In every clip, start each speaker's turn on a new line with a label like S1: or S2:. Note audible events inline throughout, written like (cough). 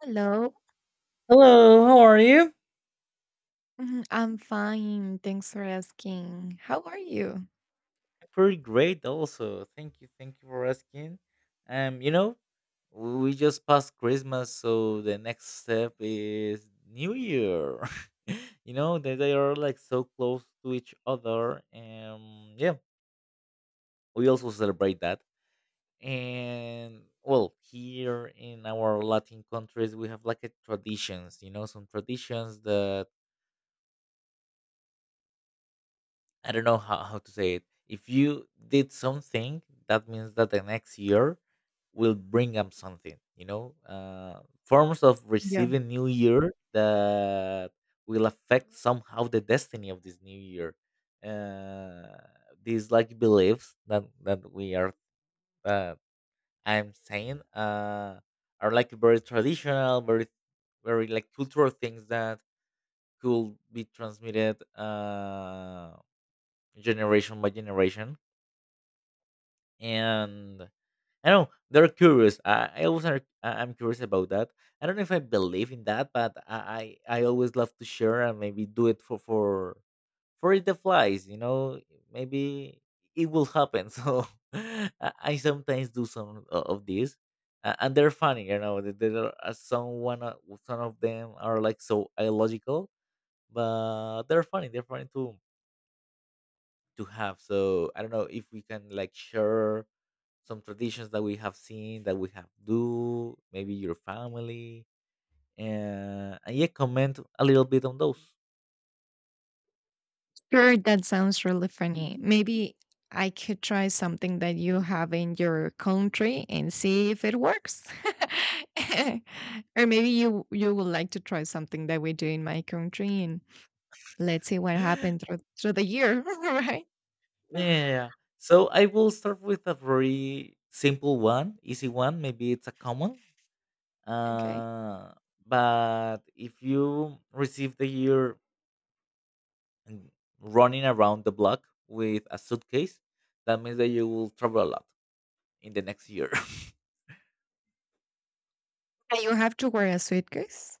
S1: Hello.
S2: Hello, how are you?
S1: Mhm, I'm fine. Thanks for asking. How are you?
S2: Pretty great also, thank you for asking. um you know we just passed Christmas, so the next step is New Year. (laughs) They are like so close to each other, and yeah, we also celebrate that. And well, here in our Latin countries we have like a traditions, some traditions that I don't know how to say it. If you did something, that means that the next year will bring up something, you know? Forms of
S1: Yeah.
S2: receiving new year that will affect somehow the destiny of this new year. Uh, these like beliefs that we are, uh, I'm saying, are like very traditional, very, very like cultural things that could be transmitted. Generation by generation, and I don't know, they're curious. I'm curious about that. I don't know if I believe in that, but I always love to share, and maybe do it for it the flies, maybe it will happen. (laughs) So i I sometimes do some of these. And they're funny, there are some of them are like so illogical, but they're funny, they're funny too to have. So I don't know if we can like share some traditions that we have seen that we have do, maybe your family, and, yeah, comment a little bit on those.
S1: Sure, that sounds really funny. Maybe I could try something that you have in your country and see if it works. (laughs) Or maybe you would like to try something that we do in my country and let's see
S2: (laughs)
S1: what
S2: Yeah.
S1: happened through the year, (laughs) right?
S2: Yeah. So I will start with a very simple one, easy one. Maybe it's a common.
S1: Okay.
S2: Uh, but if you receive the year and running around the block with a suitcase, that means that you will travel a lot in the next year. (laughs)
S1: And you have to wear a suitcase?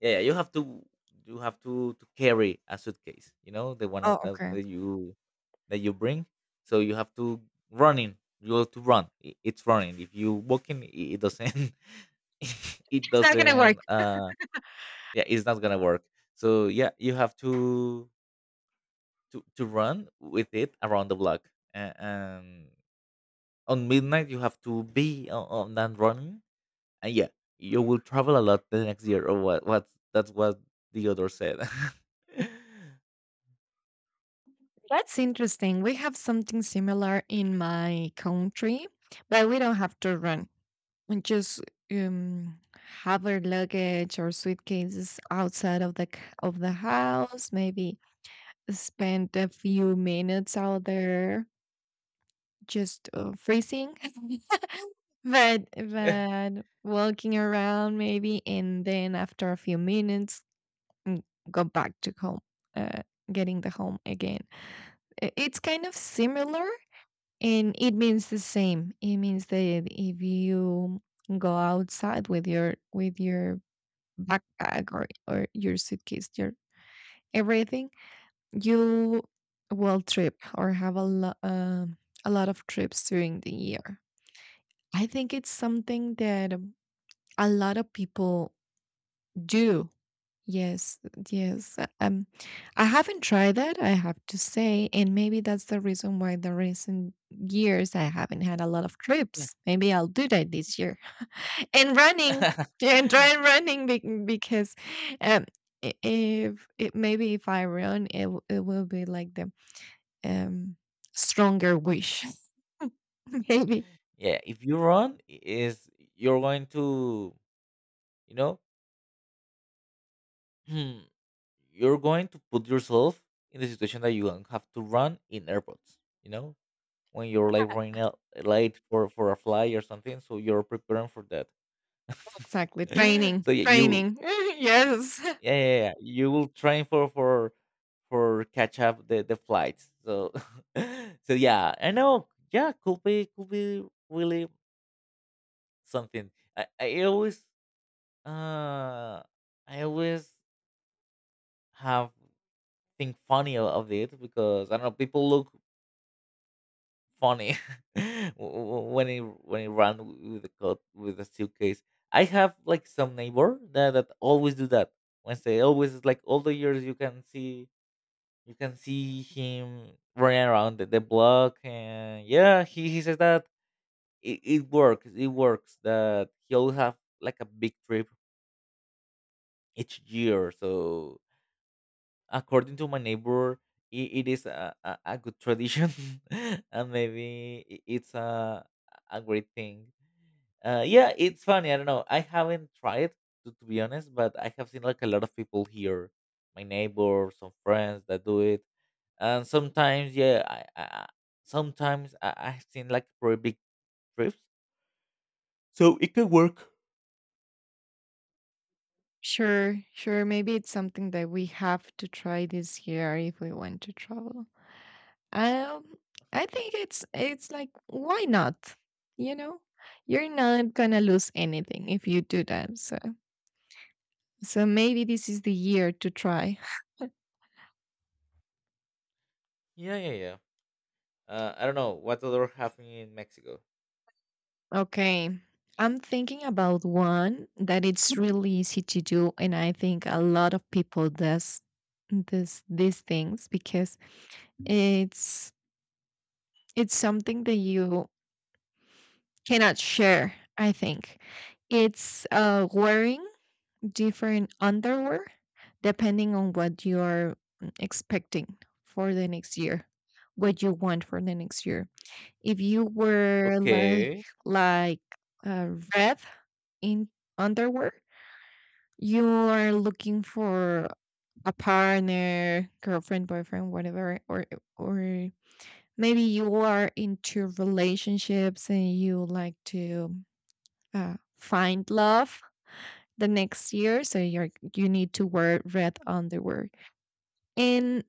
S2: Yeah, yeah, you have to carry a suitcase, you know, the one
S1: Oh,
S2: of that,
S1: okay.
S2: that you that you bring. So you have to running. You have to run. It's running. If you walking, it doesn't. (laughs) It
S1: It's not gonna work.
S2: doesn't. Yeah, it's not gonna work. So yeah, you have to to run with it around the block, and on midnight you have to be on that running, and yeah, you will travel a lot the next year, or what? What? That's what the other said. (laughs)
S1: That's interesting. We have something similar in my country, but we don't have to run. We just have our luggage or suitcases outside of the of the house. Maybe spend a few minutes out there, just freezing, (laughs) but
S2: (laughs)
S1: but walking around maybe, and then after a few minutes, mm, go back to home, uh, getting the home again. It's kind of similar. And it means the same. It means that if you go outside with your backpack or your suitcase, your everything, you will trip or have a a lot of trips during the year. I think it's something that a lot of people do. Yes, yes. I haven't tried that, I have to say, and maybe that's the reason why the recent years I haven't had a lot of trips. Maybe I'll do that this year. (laughs) And running, yeah, and try running because um, if it, maybe if I run, it will be like the um stronger wish. (laughs) Maybe
S2: Yeah, if you run, I- is you're going to, you know, (clears throat) you're going to put yourself in the situation that you don't have to run in airports. You know, when you're like running out late for a flight or something, so you're preparing for that.
S1: exactly
S2: (laughs) So yeah, you will
S1: training. (laughs) Yes.
S2: yeah, yeah, yeah. You will train for for catch up the flights. So (laughs) so yeah, I know. Yeah, could be really something. I I always uh I always have think funny of it, because I don't know, people look funny (laughs) when he ran with the coat with the suitcase. I have like some neighbor that always do that. When they always like all the years, you can see him running around the block, and yeah, he says that it works. It works. That he always have like a big trip each year. So according to my neighbor, it is a good tradition, (laughs) and maybe it's a great thing. Yeah, it's funny. I don't know. I haven't tried, to be honest, but I have seen like a lot of people here, my neighbors, some friends that do it, and sometimes, yeah, sometimes I've seen like pretty big trips, so it can work.
S1: Sure, sure. Maybe it's something that we have to try this year if we want to travel. Um, I think it's like why not? You know, you're not gonna lose anything if you do that. So, so maybe this is the year to try.
S2: Yeah, yeah, yeah. I don't know what other happening in Mexico.
S1: Okay, I'm thinking about one that it's really easy to do, and I think a lot of people does this these things because it's it's something that you cannot share, I think. It's wearing different underwear depending on what you're expecting for the next year, what you want for the next year. If you wear
S2: Okay,
S1: like red in underwear, you are looking for a partner, girlfriend, boyfriend, whatever, or maybe you are into relationships and you like to find love the next year, so you're you need to wear red underwear. And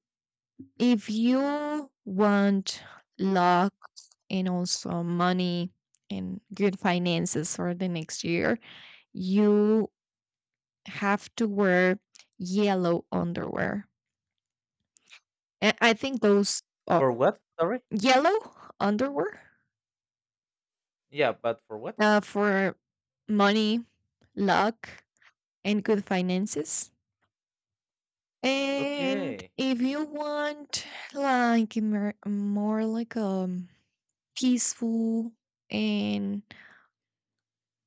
S1: if you want luck and also money and good finances for the next year, you have to wear yellow underwear. I think those are
S2: for what? Sorry.
S1: yellow underwear,
S2: Yeah, but for what?
S1: for money, luck, and good finances. And
S2: Okay.
S1: if you want like a more like a peaceful and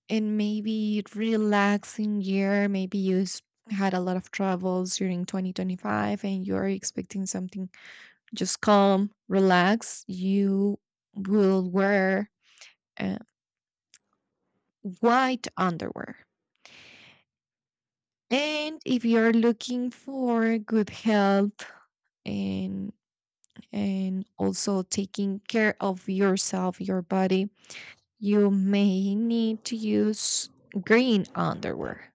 S1: and maybe relaxing year, maybe had a lot of troubles during 2025 and you're expecting something just calm, relax, you will wear uh, white underwear. And if you're looking for good health and also taking care of yourself, your body, you may need to use green underwear.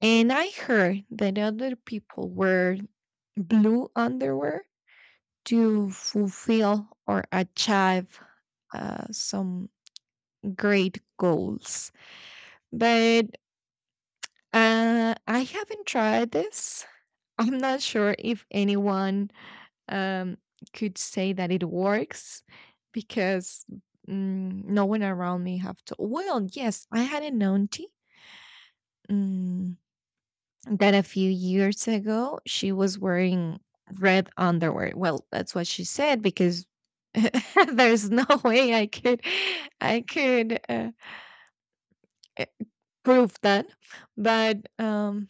S1: And I heard that other people wear blue underwear to fulfill or achieve some great goals. But I haven't tried this. I'm not sure if anyone um, could say that it works because no one around me have to. Well, yes, I had an auntie mm, that a few years ago she was wearing red underwear. Well, that's what she said because (laughs) there's no way I could eh, prove that, but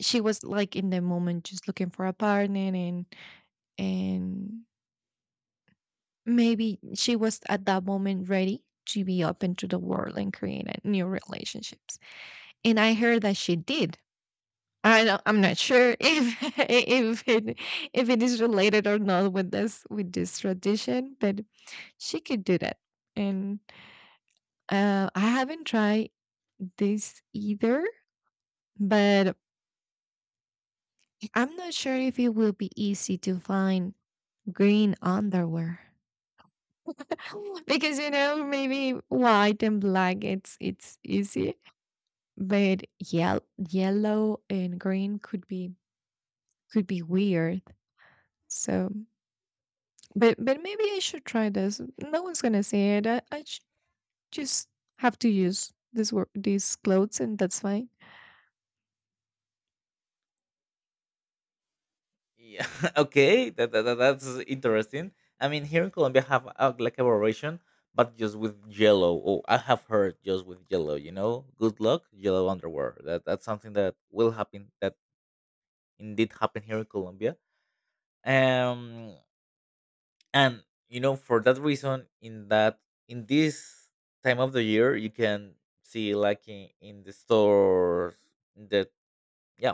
S1: she was like in the moment just looking for a partner and maybe she was at that moment ready to be open to the world and create a new relationships. And I heard that she did. I'm not sure if (laughs) if it if it is related or not with this with this tradition, but she could do that. And I haven't tried this either, but I'm not sure if it will be easy to find green underwear (laughs) because you know maybe white and black it's easy. But yell Yellow and green could be weird. So, but maybe I should try this. No one's gonna see it. Just have to use this work these clothes, and that's fine.
S2: Yeah. (laughs) Okay. That's interesting. I mean, here in Colombia have like a variation, but just with Jello. Oh, I have heard just with Jello. You know, good luck, Jello underwear. That's something that will happen. That indeed happen here in Colombia. Um, and for that reason, in this time of the year, you can see like in the stores that yeah,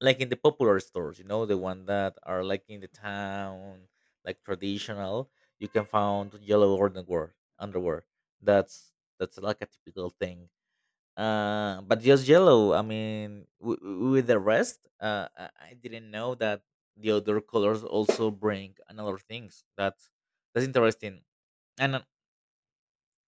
S2: like in the popular stores, the one that are like in the town, like traditional, you can find yellow underwear. That's that's like a typical thing. But just yellow. I mean, with the rest, I didn't know that the other colors also bring another things. That's interesting. And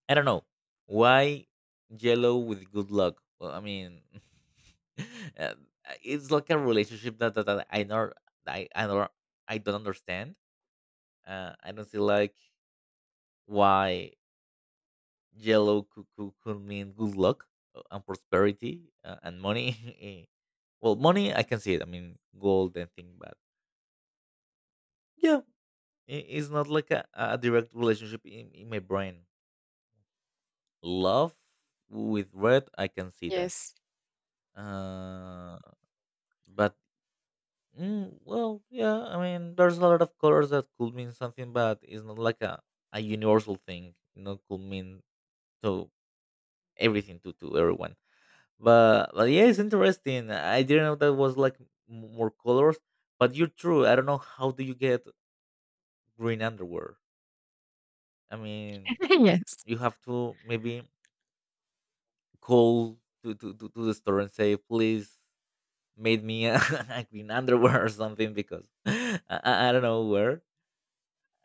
S2: I don't know why yellow with good luck. Well, I mean, (laughs) uh, it's like a relationship that I know. I I don't I don't understand. I don't see like why yellow could mean good luck, and prosperity, and money. (laughs) Eh. Well, money I can see it. I mean, gold and thing, but yeah, it's not like a direct relationship in my brain. Love with red, I can see that.
S1: Yes.
S2: Uh, but well, yeah. I mean, there's a lot of colors that could mean something, but it's not like a universal thing. Could mean to everything to everyone. But yeah, it's interesting. I didn't know that was like more colors. But you're true. I don't know how do you get green underwear. I mean,
S1: (laughs) Yes.
S2: you have to maybe call to the store and say, please made me a, (laughs) a green underwear or something, because (laughs) I don't know where.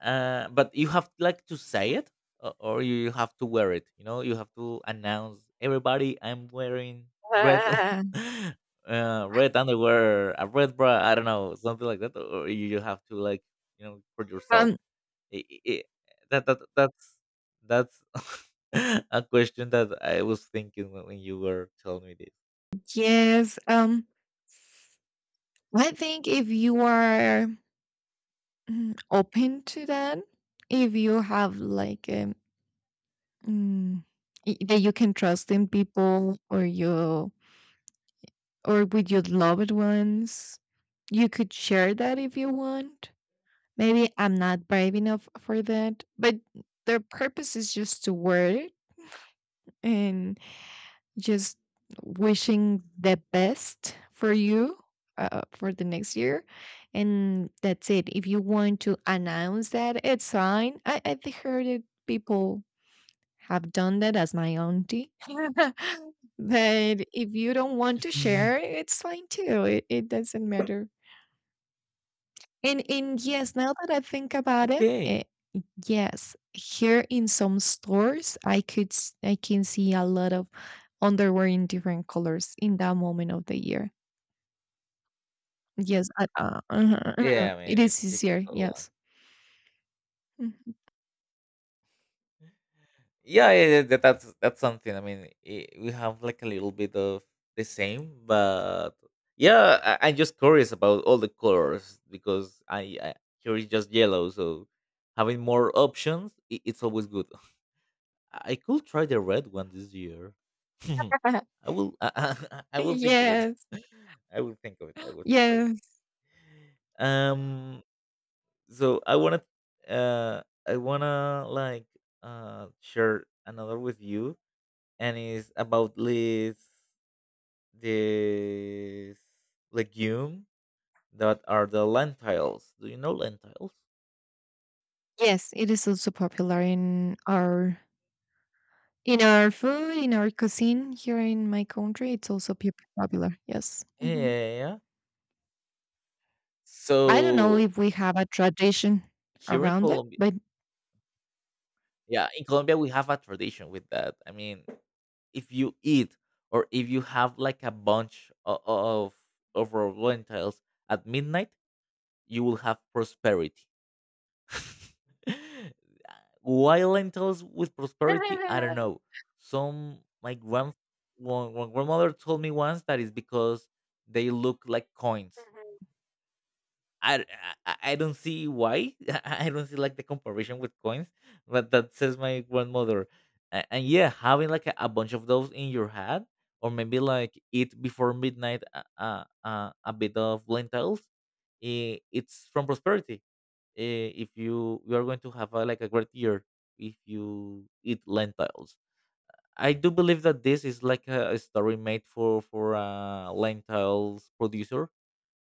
S2: But you have like to say it, or you have to wear it, you have to announce everybody I'm wearing red,
S1: Ah,
S2: (laughs) red underwear, a red bra, I don't know, something like that, or you have to like, for yourself.
S1: um.
S2: I- I- I- that, that that's that's (laughs) a question that I was thinking when you were telling me this.
S1: Yes. I think if you are open to that, if you have like mm, that you can trust in people, or you or with your loved ones. You could share that if you want. Maybe I'm not brave enough for that, but their purpose is just to wear it and just wishing the best for you, for the next year. And that's it. If you want to announce that, it's fine. I heard it people have done that as my auntie. (laughs) But if you don't want to share,
S2: (laughs)
S1: it's fine too. It doesn't matter. And yes, now that I think about it,
S2: Okay,
S1: yes, here in some stores, I can see a lot of underwear in different colors in that moment of the year. Yes, uh-huh, uh-huh.
S2: yeah, I mean,
S1: It
S2: it's a
S1: is easier.
S2: typical one.
S1: Yes. Mhm.
S2: Yeah, yeah, yeah, that's something. I mean, I we have like a little bit of the same, but yeah, I'm just curious about all the colors, because I here is just yellow, so having more options, I it's always good. (laughs) I could try the red one this year. (laughs)
S1: (laughs)
S2: I will. (laughs) I will think of it.
S1: Yes,
S2: (laughs) I will think of it. I will think of it.
S1: yes,
S2: Um, so I wanna, uh, like share another with you, and it's about this legume that are the lentils. Do you know lentils?
S1: yes. It is also popular in our In our food, in our cuisine here in my country, it's also popular. Yes.
S2: Yeah,
S1: Hmm.
S2: yeah, yeah.
S1: I don't know
S2: So
S1: if we have a tradition
S2: here in
S1: around it,
S2: Colombia,
S1: but
S2: yeah, in Colombia we have a tradition with that. I mean, if you eat, or if you have like a bunch of raw lentils at midnight, you will have prosperity. (laughs) Why lentils with prosperity? I don't
S1: (laughs)
S2: know. Some my grand one, one grandmother told me once that is because they look like coins. I, I don't see why. (laughs) I don't see like the comparison with coins, but that says my grandmother. And yeah, having like a bunch of those in your head, or maybe like eat before midnight a bit of lentils, it's from prosperity. If you are going to have like a great year if you eat lentils. I do believe that this is like a story made for a lentils producer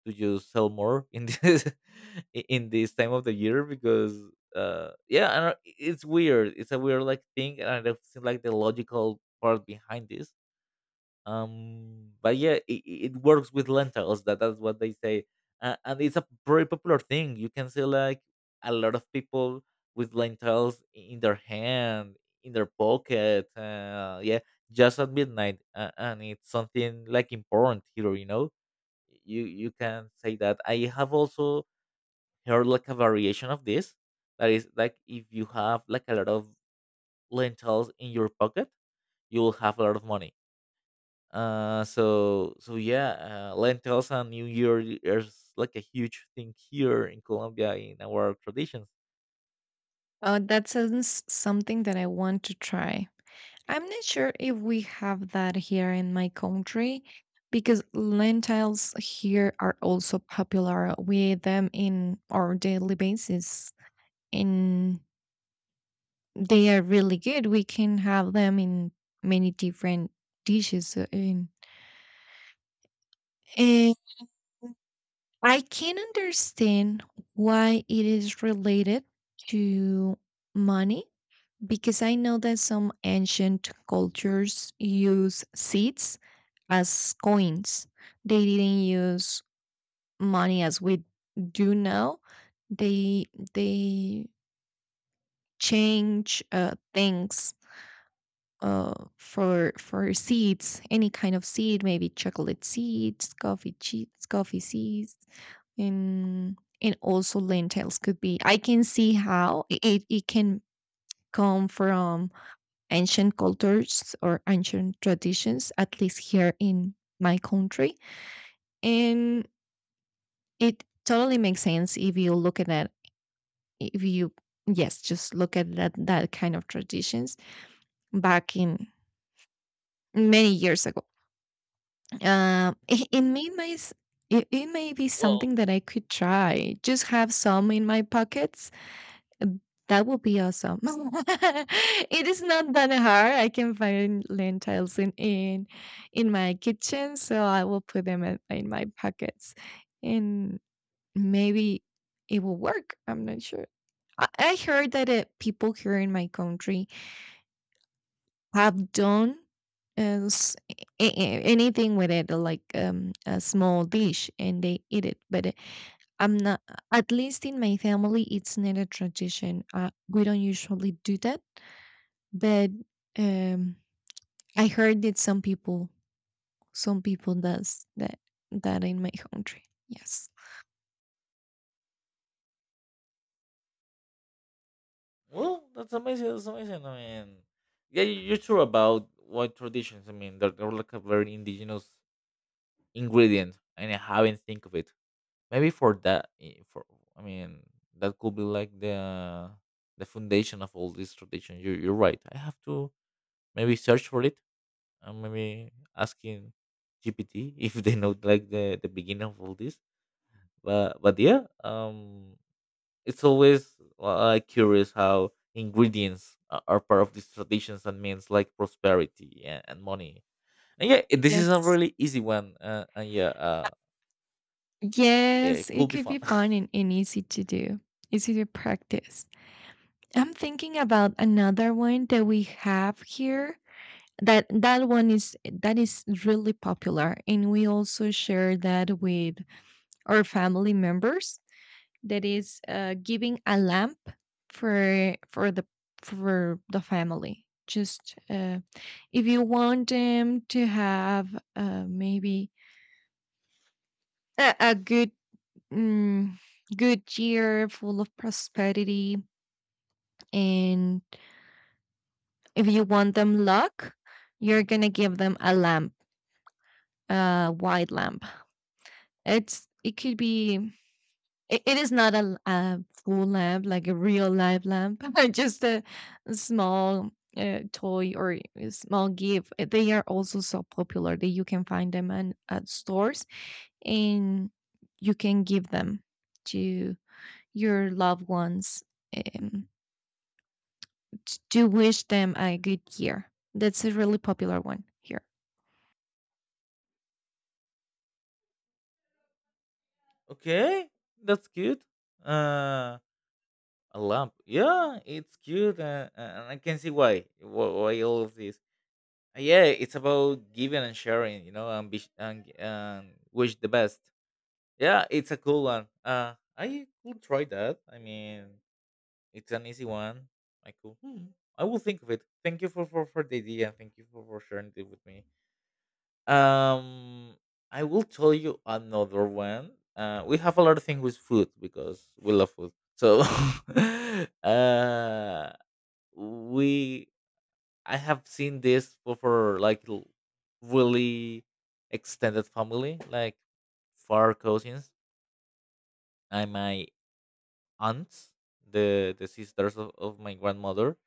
S2: to just sell more in this (laughs) in this time of the year, because yeah, I don't, it's a weird like thing, and I don't think like the logical part behind this. But yeah, it works with lentils, that's what they say. And it's a very popular thing. You can see like a lot of people with lentils in their hand, in their pocket, yeah, just at midnight, and it's something like important here. You can say that I have also heard like a variation of this, that is like if you have like a lot of lentils in your pocket, you will have a lot of money. So yeah, lentils and New Year is like a huge thing here in Colombia in our traditions.
S1: that sounds something that I want to try. I'm not sure if we have that here in my country because lentils here are also popular. We eat them in our daily basis and they are really good. We can have them in many different dishes in And I can understand why it is related to money because I know that some ancient cultures use seeds as coins. They didn't use money as we do now. They they change things, for seeds, any kind of seed, maybe chocolate seeds, coffee cheats, coffee seeds, and and also lentils could be. I can see how it can come from ancient cultures or ancient traditions, at least here in my country, and it totally makes sense if you look at that, if you yes just look at that, that kind of traditions back in many years ago. um it, it may my s- it, it may be
S2: Well,
S1: something that I could try, just have some in my pockets. That would be awesome. (laughs) It is not that hard. I can find lentils in my kitchen, so I will put them in my pockets, and maybe it will work. I'm not sure. I heard that people here in my country have done as anything with it, like a small dish, and they eat it. But I'm not. At least in my family, it's not a tradition. We don't usually do that, but um, I heard that some people does that that in my country. Yes.
S2: well, that's amazing. That's amazing. I mean, yeah, you're true about what traditions. I mean, they're like a very indigenous ingredient, and I haven't think of it. Maybe for that, eh, for I mean, that could be like the foundation of all these traditions. You're right. I have to maybe search for it. Maybe asking GPT (laughs) if they know like the beginning of all this. But yeah, it's always like, curious how ingredients are part of these traditions and means like prosperity and money. And yeah, this is a
S1: Yes.
S2: really easy one. And yeah,
S1: Yes,
S2: it
S1: it
S2: could be
S1: could
S2: fun.
S1: be
S2: (laughs)
S1: fun and easy to do, easy to practice. I'm thinking about another one that we have here. That one is that is really popular, and we also share that with our family members. That is giving a lamp for for the for the family. Just if you want them to have uh, maybe a good mm, good year full of prosperity, and if you want them luck, you're gonna give them a lamp, a white lamp. It's it could be It it is not a l a full lamp, like a real live lamp, (laughs) just a small, toy or a small gift. They are also so popular that you can find them in at stores, and you can give them to your loved ones, um, t to wish them a good year. That's a really popular one here.
S2: Okay, that's cute. Uh, a lamp. Yeah, it's cute, and I can see why why all of this. Yeah, it's about giving and sharing, and wish the best. Yeah, it's a cool one, I could try that. I mean, it's an easy one. i could hmm, I will think of it. Thank you for the idea. Thank you for sharing it with me. um I will tell you another one. We have a lot of things with food because we love food, so (laughs) uh we I have seen this for like really extended family, like far cousins and my aunts, the sisters of my grandmother.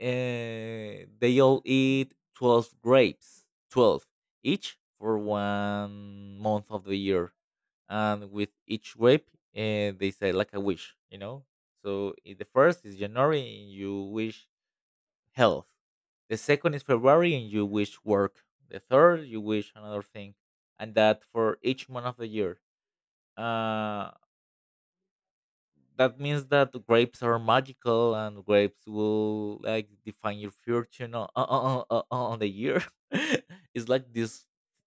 S2: They all eat 12 grapes, 12 each for one month of the year, and with each grape, they say like a wish. So in the first is January, you wish health. The second is February, and you wish work. The third, you wish another thing, and that for each month of the year. Uh, that means that grapes are magical, and grapes will like define your fortune on the year. (laughs) It's like these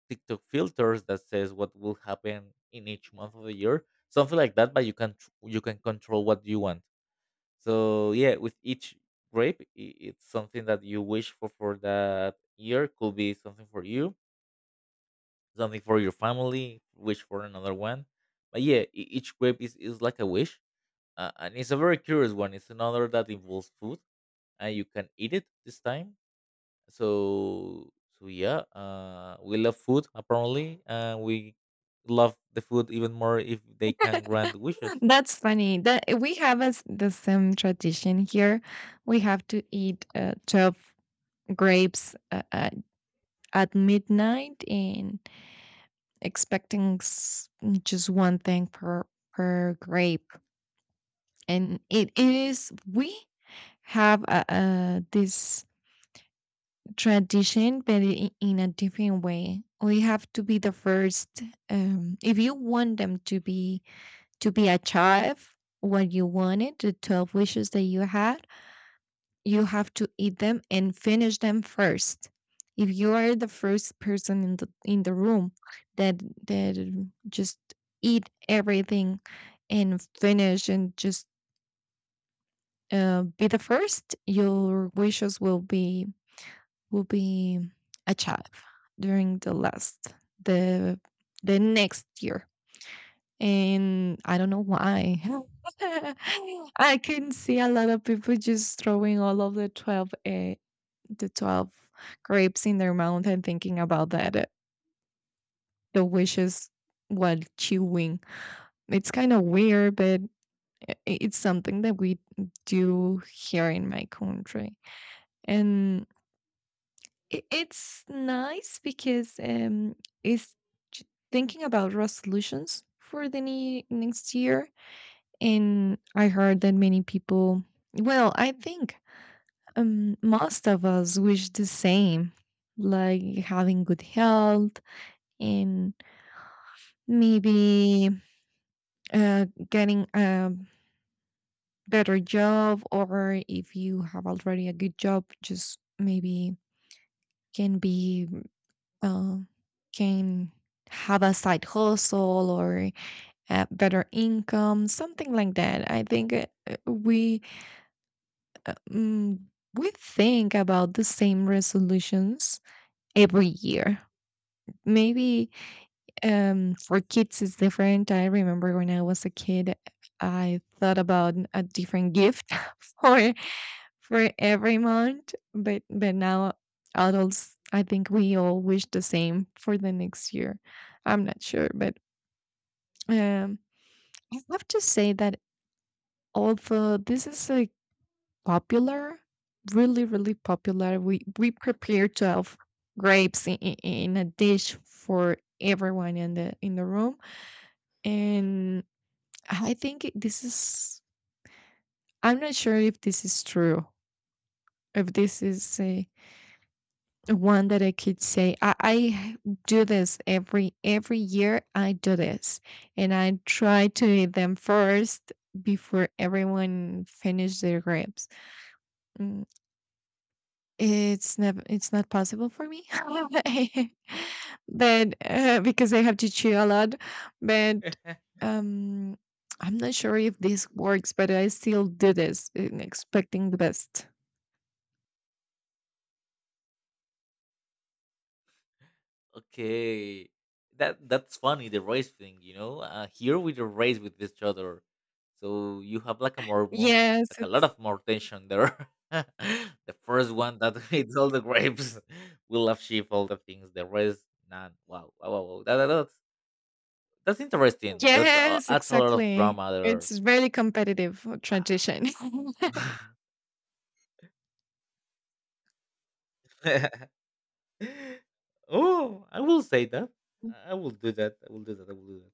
S2: TikTok filters that says what will happen in each month of the year, something like that. But you can you can control what you want. So yeah, with each grape, it's something that you wish for that year. Could be something for you, something for your family. Wish for another one, but yeah, each grape is like a wish, and it's a very curious one. It's another that involves food, and you can eat it this time. So so yeah, we love food apparently, and we love the food even more if they can grant
S1: (laughs)
S2: wishes.
S1: That's funny. That we have as the same tradition here. We have to eat, 12 grapes, at midnight and expecting just one thing per per grape, and it is we have this tradition but in a different way. We have to be the first, if you want them to be achieve what you wanted, the 12 wishes that you had, you have to eat them and finish them first. If you are the first person in the room that that just eat everything and finish and just be the first, your wishes will be achieved during the the next year. And I don't know why. (laughs) I can see a lot of people just throwing all of the 12 grapes in their mouth and thinking about that the wishes while chewing. It's kind of weird, but it's something that we do here in my country, and it's nice because it's j- thinking about resolutions for the next year. And I heard that many people, well I think, most of us wish the same, like having good health in maybe getting a better job, or if you have already a good job, just maybe can be uh, can have a side hustle or better income, something like that. I think uh, mm, we think about the same resolutions every year. Maybe for kids, it's different. I remember when I was a kid, I thought about a different gift (laughs) for for every month, but now adults, I think we all wish the same for the next year. I'm not sure, but um, I have to say that, although this is like popular, really, really popular, we prepare to have grapes in a dish for everyone in the room, and I think this is, I'm not sure if this is true, if this is a, one that I could say I do this every year. I do this and I try to eat them first before everyone finish their grapes. Mm, It's never it's not possible for me. (laughs) But, because I have to chew a lot, but, um, I'm not sure if this works, but I still do this in expecting the best.
S2: Okay, that's funny. The race thing, here we don't race with each other, so you have like a more
S1: Yes,
S2: like a lot
S1: it's
S2: of more tension there. (laughs) The first one that (laughs) eats all the grapes (laughs) will have sheep, all the things. The rest, none. Wow, wow, wow. Wow. That's interesting. That
S1: yes,
S2: adds a lot of
S1: exactly.
S2: drama there.
S1: It's very competitive
S2: Wow.
S1: transition. (laughs)
S2: (laughs) Oh, I will say that. I will do that. I will do that. I will do that.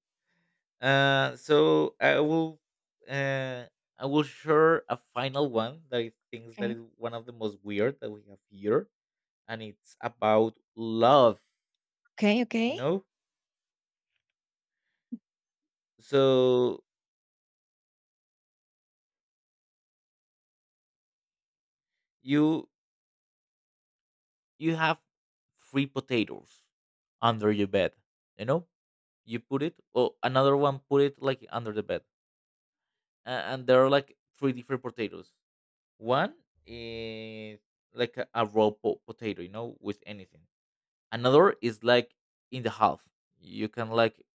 S2: So uh, I will share a final one that I think that
S1: Okay.
S2: is one of the most weird that we have here, and it's about love.
S1: Okay,
S2: You
S1: okay.
S2: know, so you you have three potatoes under your bed. You know, you put it, or another one put it like under the bed, and there are like three different potatoes. One is like a raw potato, you know, with anything, another is like in the half, you can like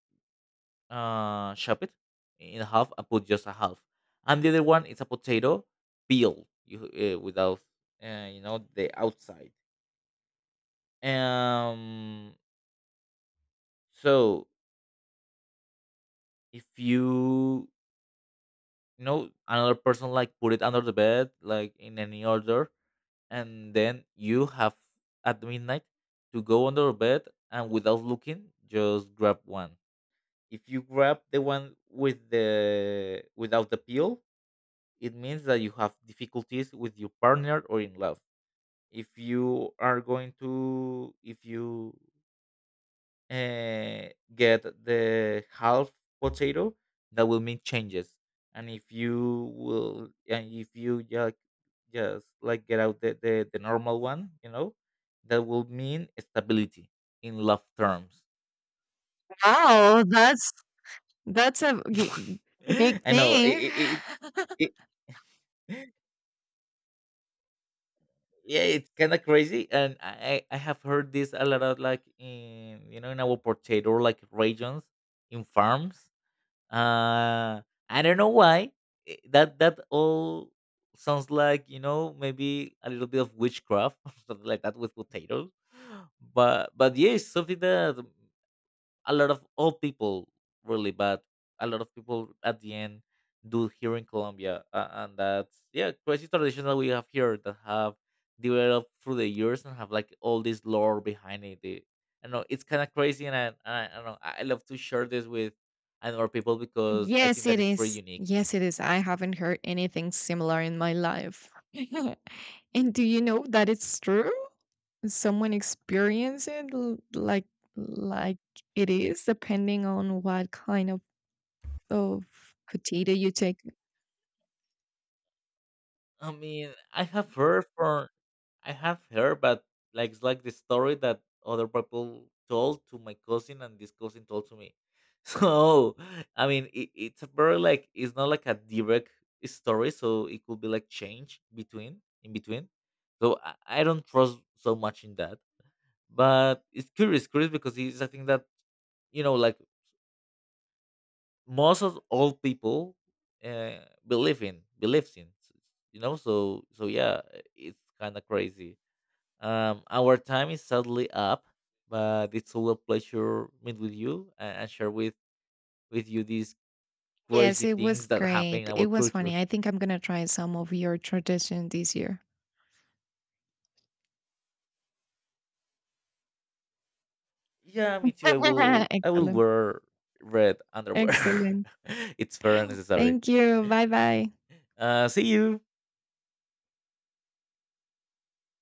S2: chop it in half and put just a half, and the other one is a potato peel, you without you know, the outside. um so if you know another person like put it under the bed like in any order, and then you have at midnight to go under the bed and without looking just grab one. If you grab the one with the without the peel, it means that you have difficulties with your partner or in love. If you are going to if you uh, get the half potato, that will mean changes. And if you just like get out the normal one, that will mean stability in love terms.
S1: Wow, that's a g-
S2: (laughs)
S1: big
S2: I know
S1: thing. (laughs)
S2: it, it. Yeah, it's kind of crazy, and I have heard this a lot of like in in our potato like regions in farms. uh I don't know why. That all sounds like maybe a little bit of witchcraft (laughs) or something like that with potatoes. But yeah, it's something that a lot of old people really, but a lot of people at the end do here in Colombia, and that's yeah, crazy tradition that we have here, that have developed through the years and have like all this lore behind it. I know it's kind of crazy, and I don't know, I love to share this with other people because I think
S1: Yes,
S2: that
S1: it
S2: is pretty
S1: is.
S2: unique.
S1: Yes, it is. I haven't heard anything similar in my life. (laughs) And do you know that it's true? Someone experience it like it is, depending on what kind of potato you take.
S2: I mean, I have heard, but like it's like the story that other people told to my cousin, and this cousin told to me. (laughs) So I mean, it's a very like it's not like a direct story, so it could be like change between in between. So I don't trust so much in that, but it's curious, curious because it's a thing that you know, like most of all people uh, believe in believes in. So yeah, it's kind of crazy. Our time is sadly up, but it's all a pleasure meet with you and, share with you these
S1: Yes,
S2: crazy
S1: it was
S2: things that happen in
S1: great. It
S2: our
S1: was funny.
S2: cultures.
S1: I think I'm gonna try some of your tradition this year.
S2: Yeah, me too. I will
S1: (laughs)
S2: I will
S1: Excellent,
S2: wear red underwear.
S1: excellent.
S2: (laughs) It's fair and necessary.
S1: Thank you. Bye
S2: (laughs)
S1: bye.
S2: See you.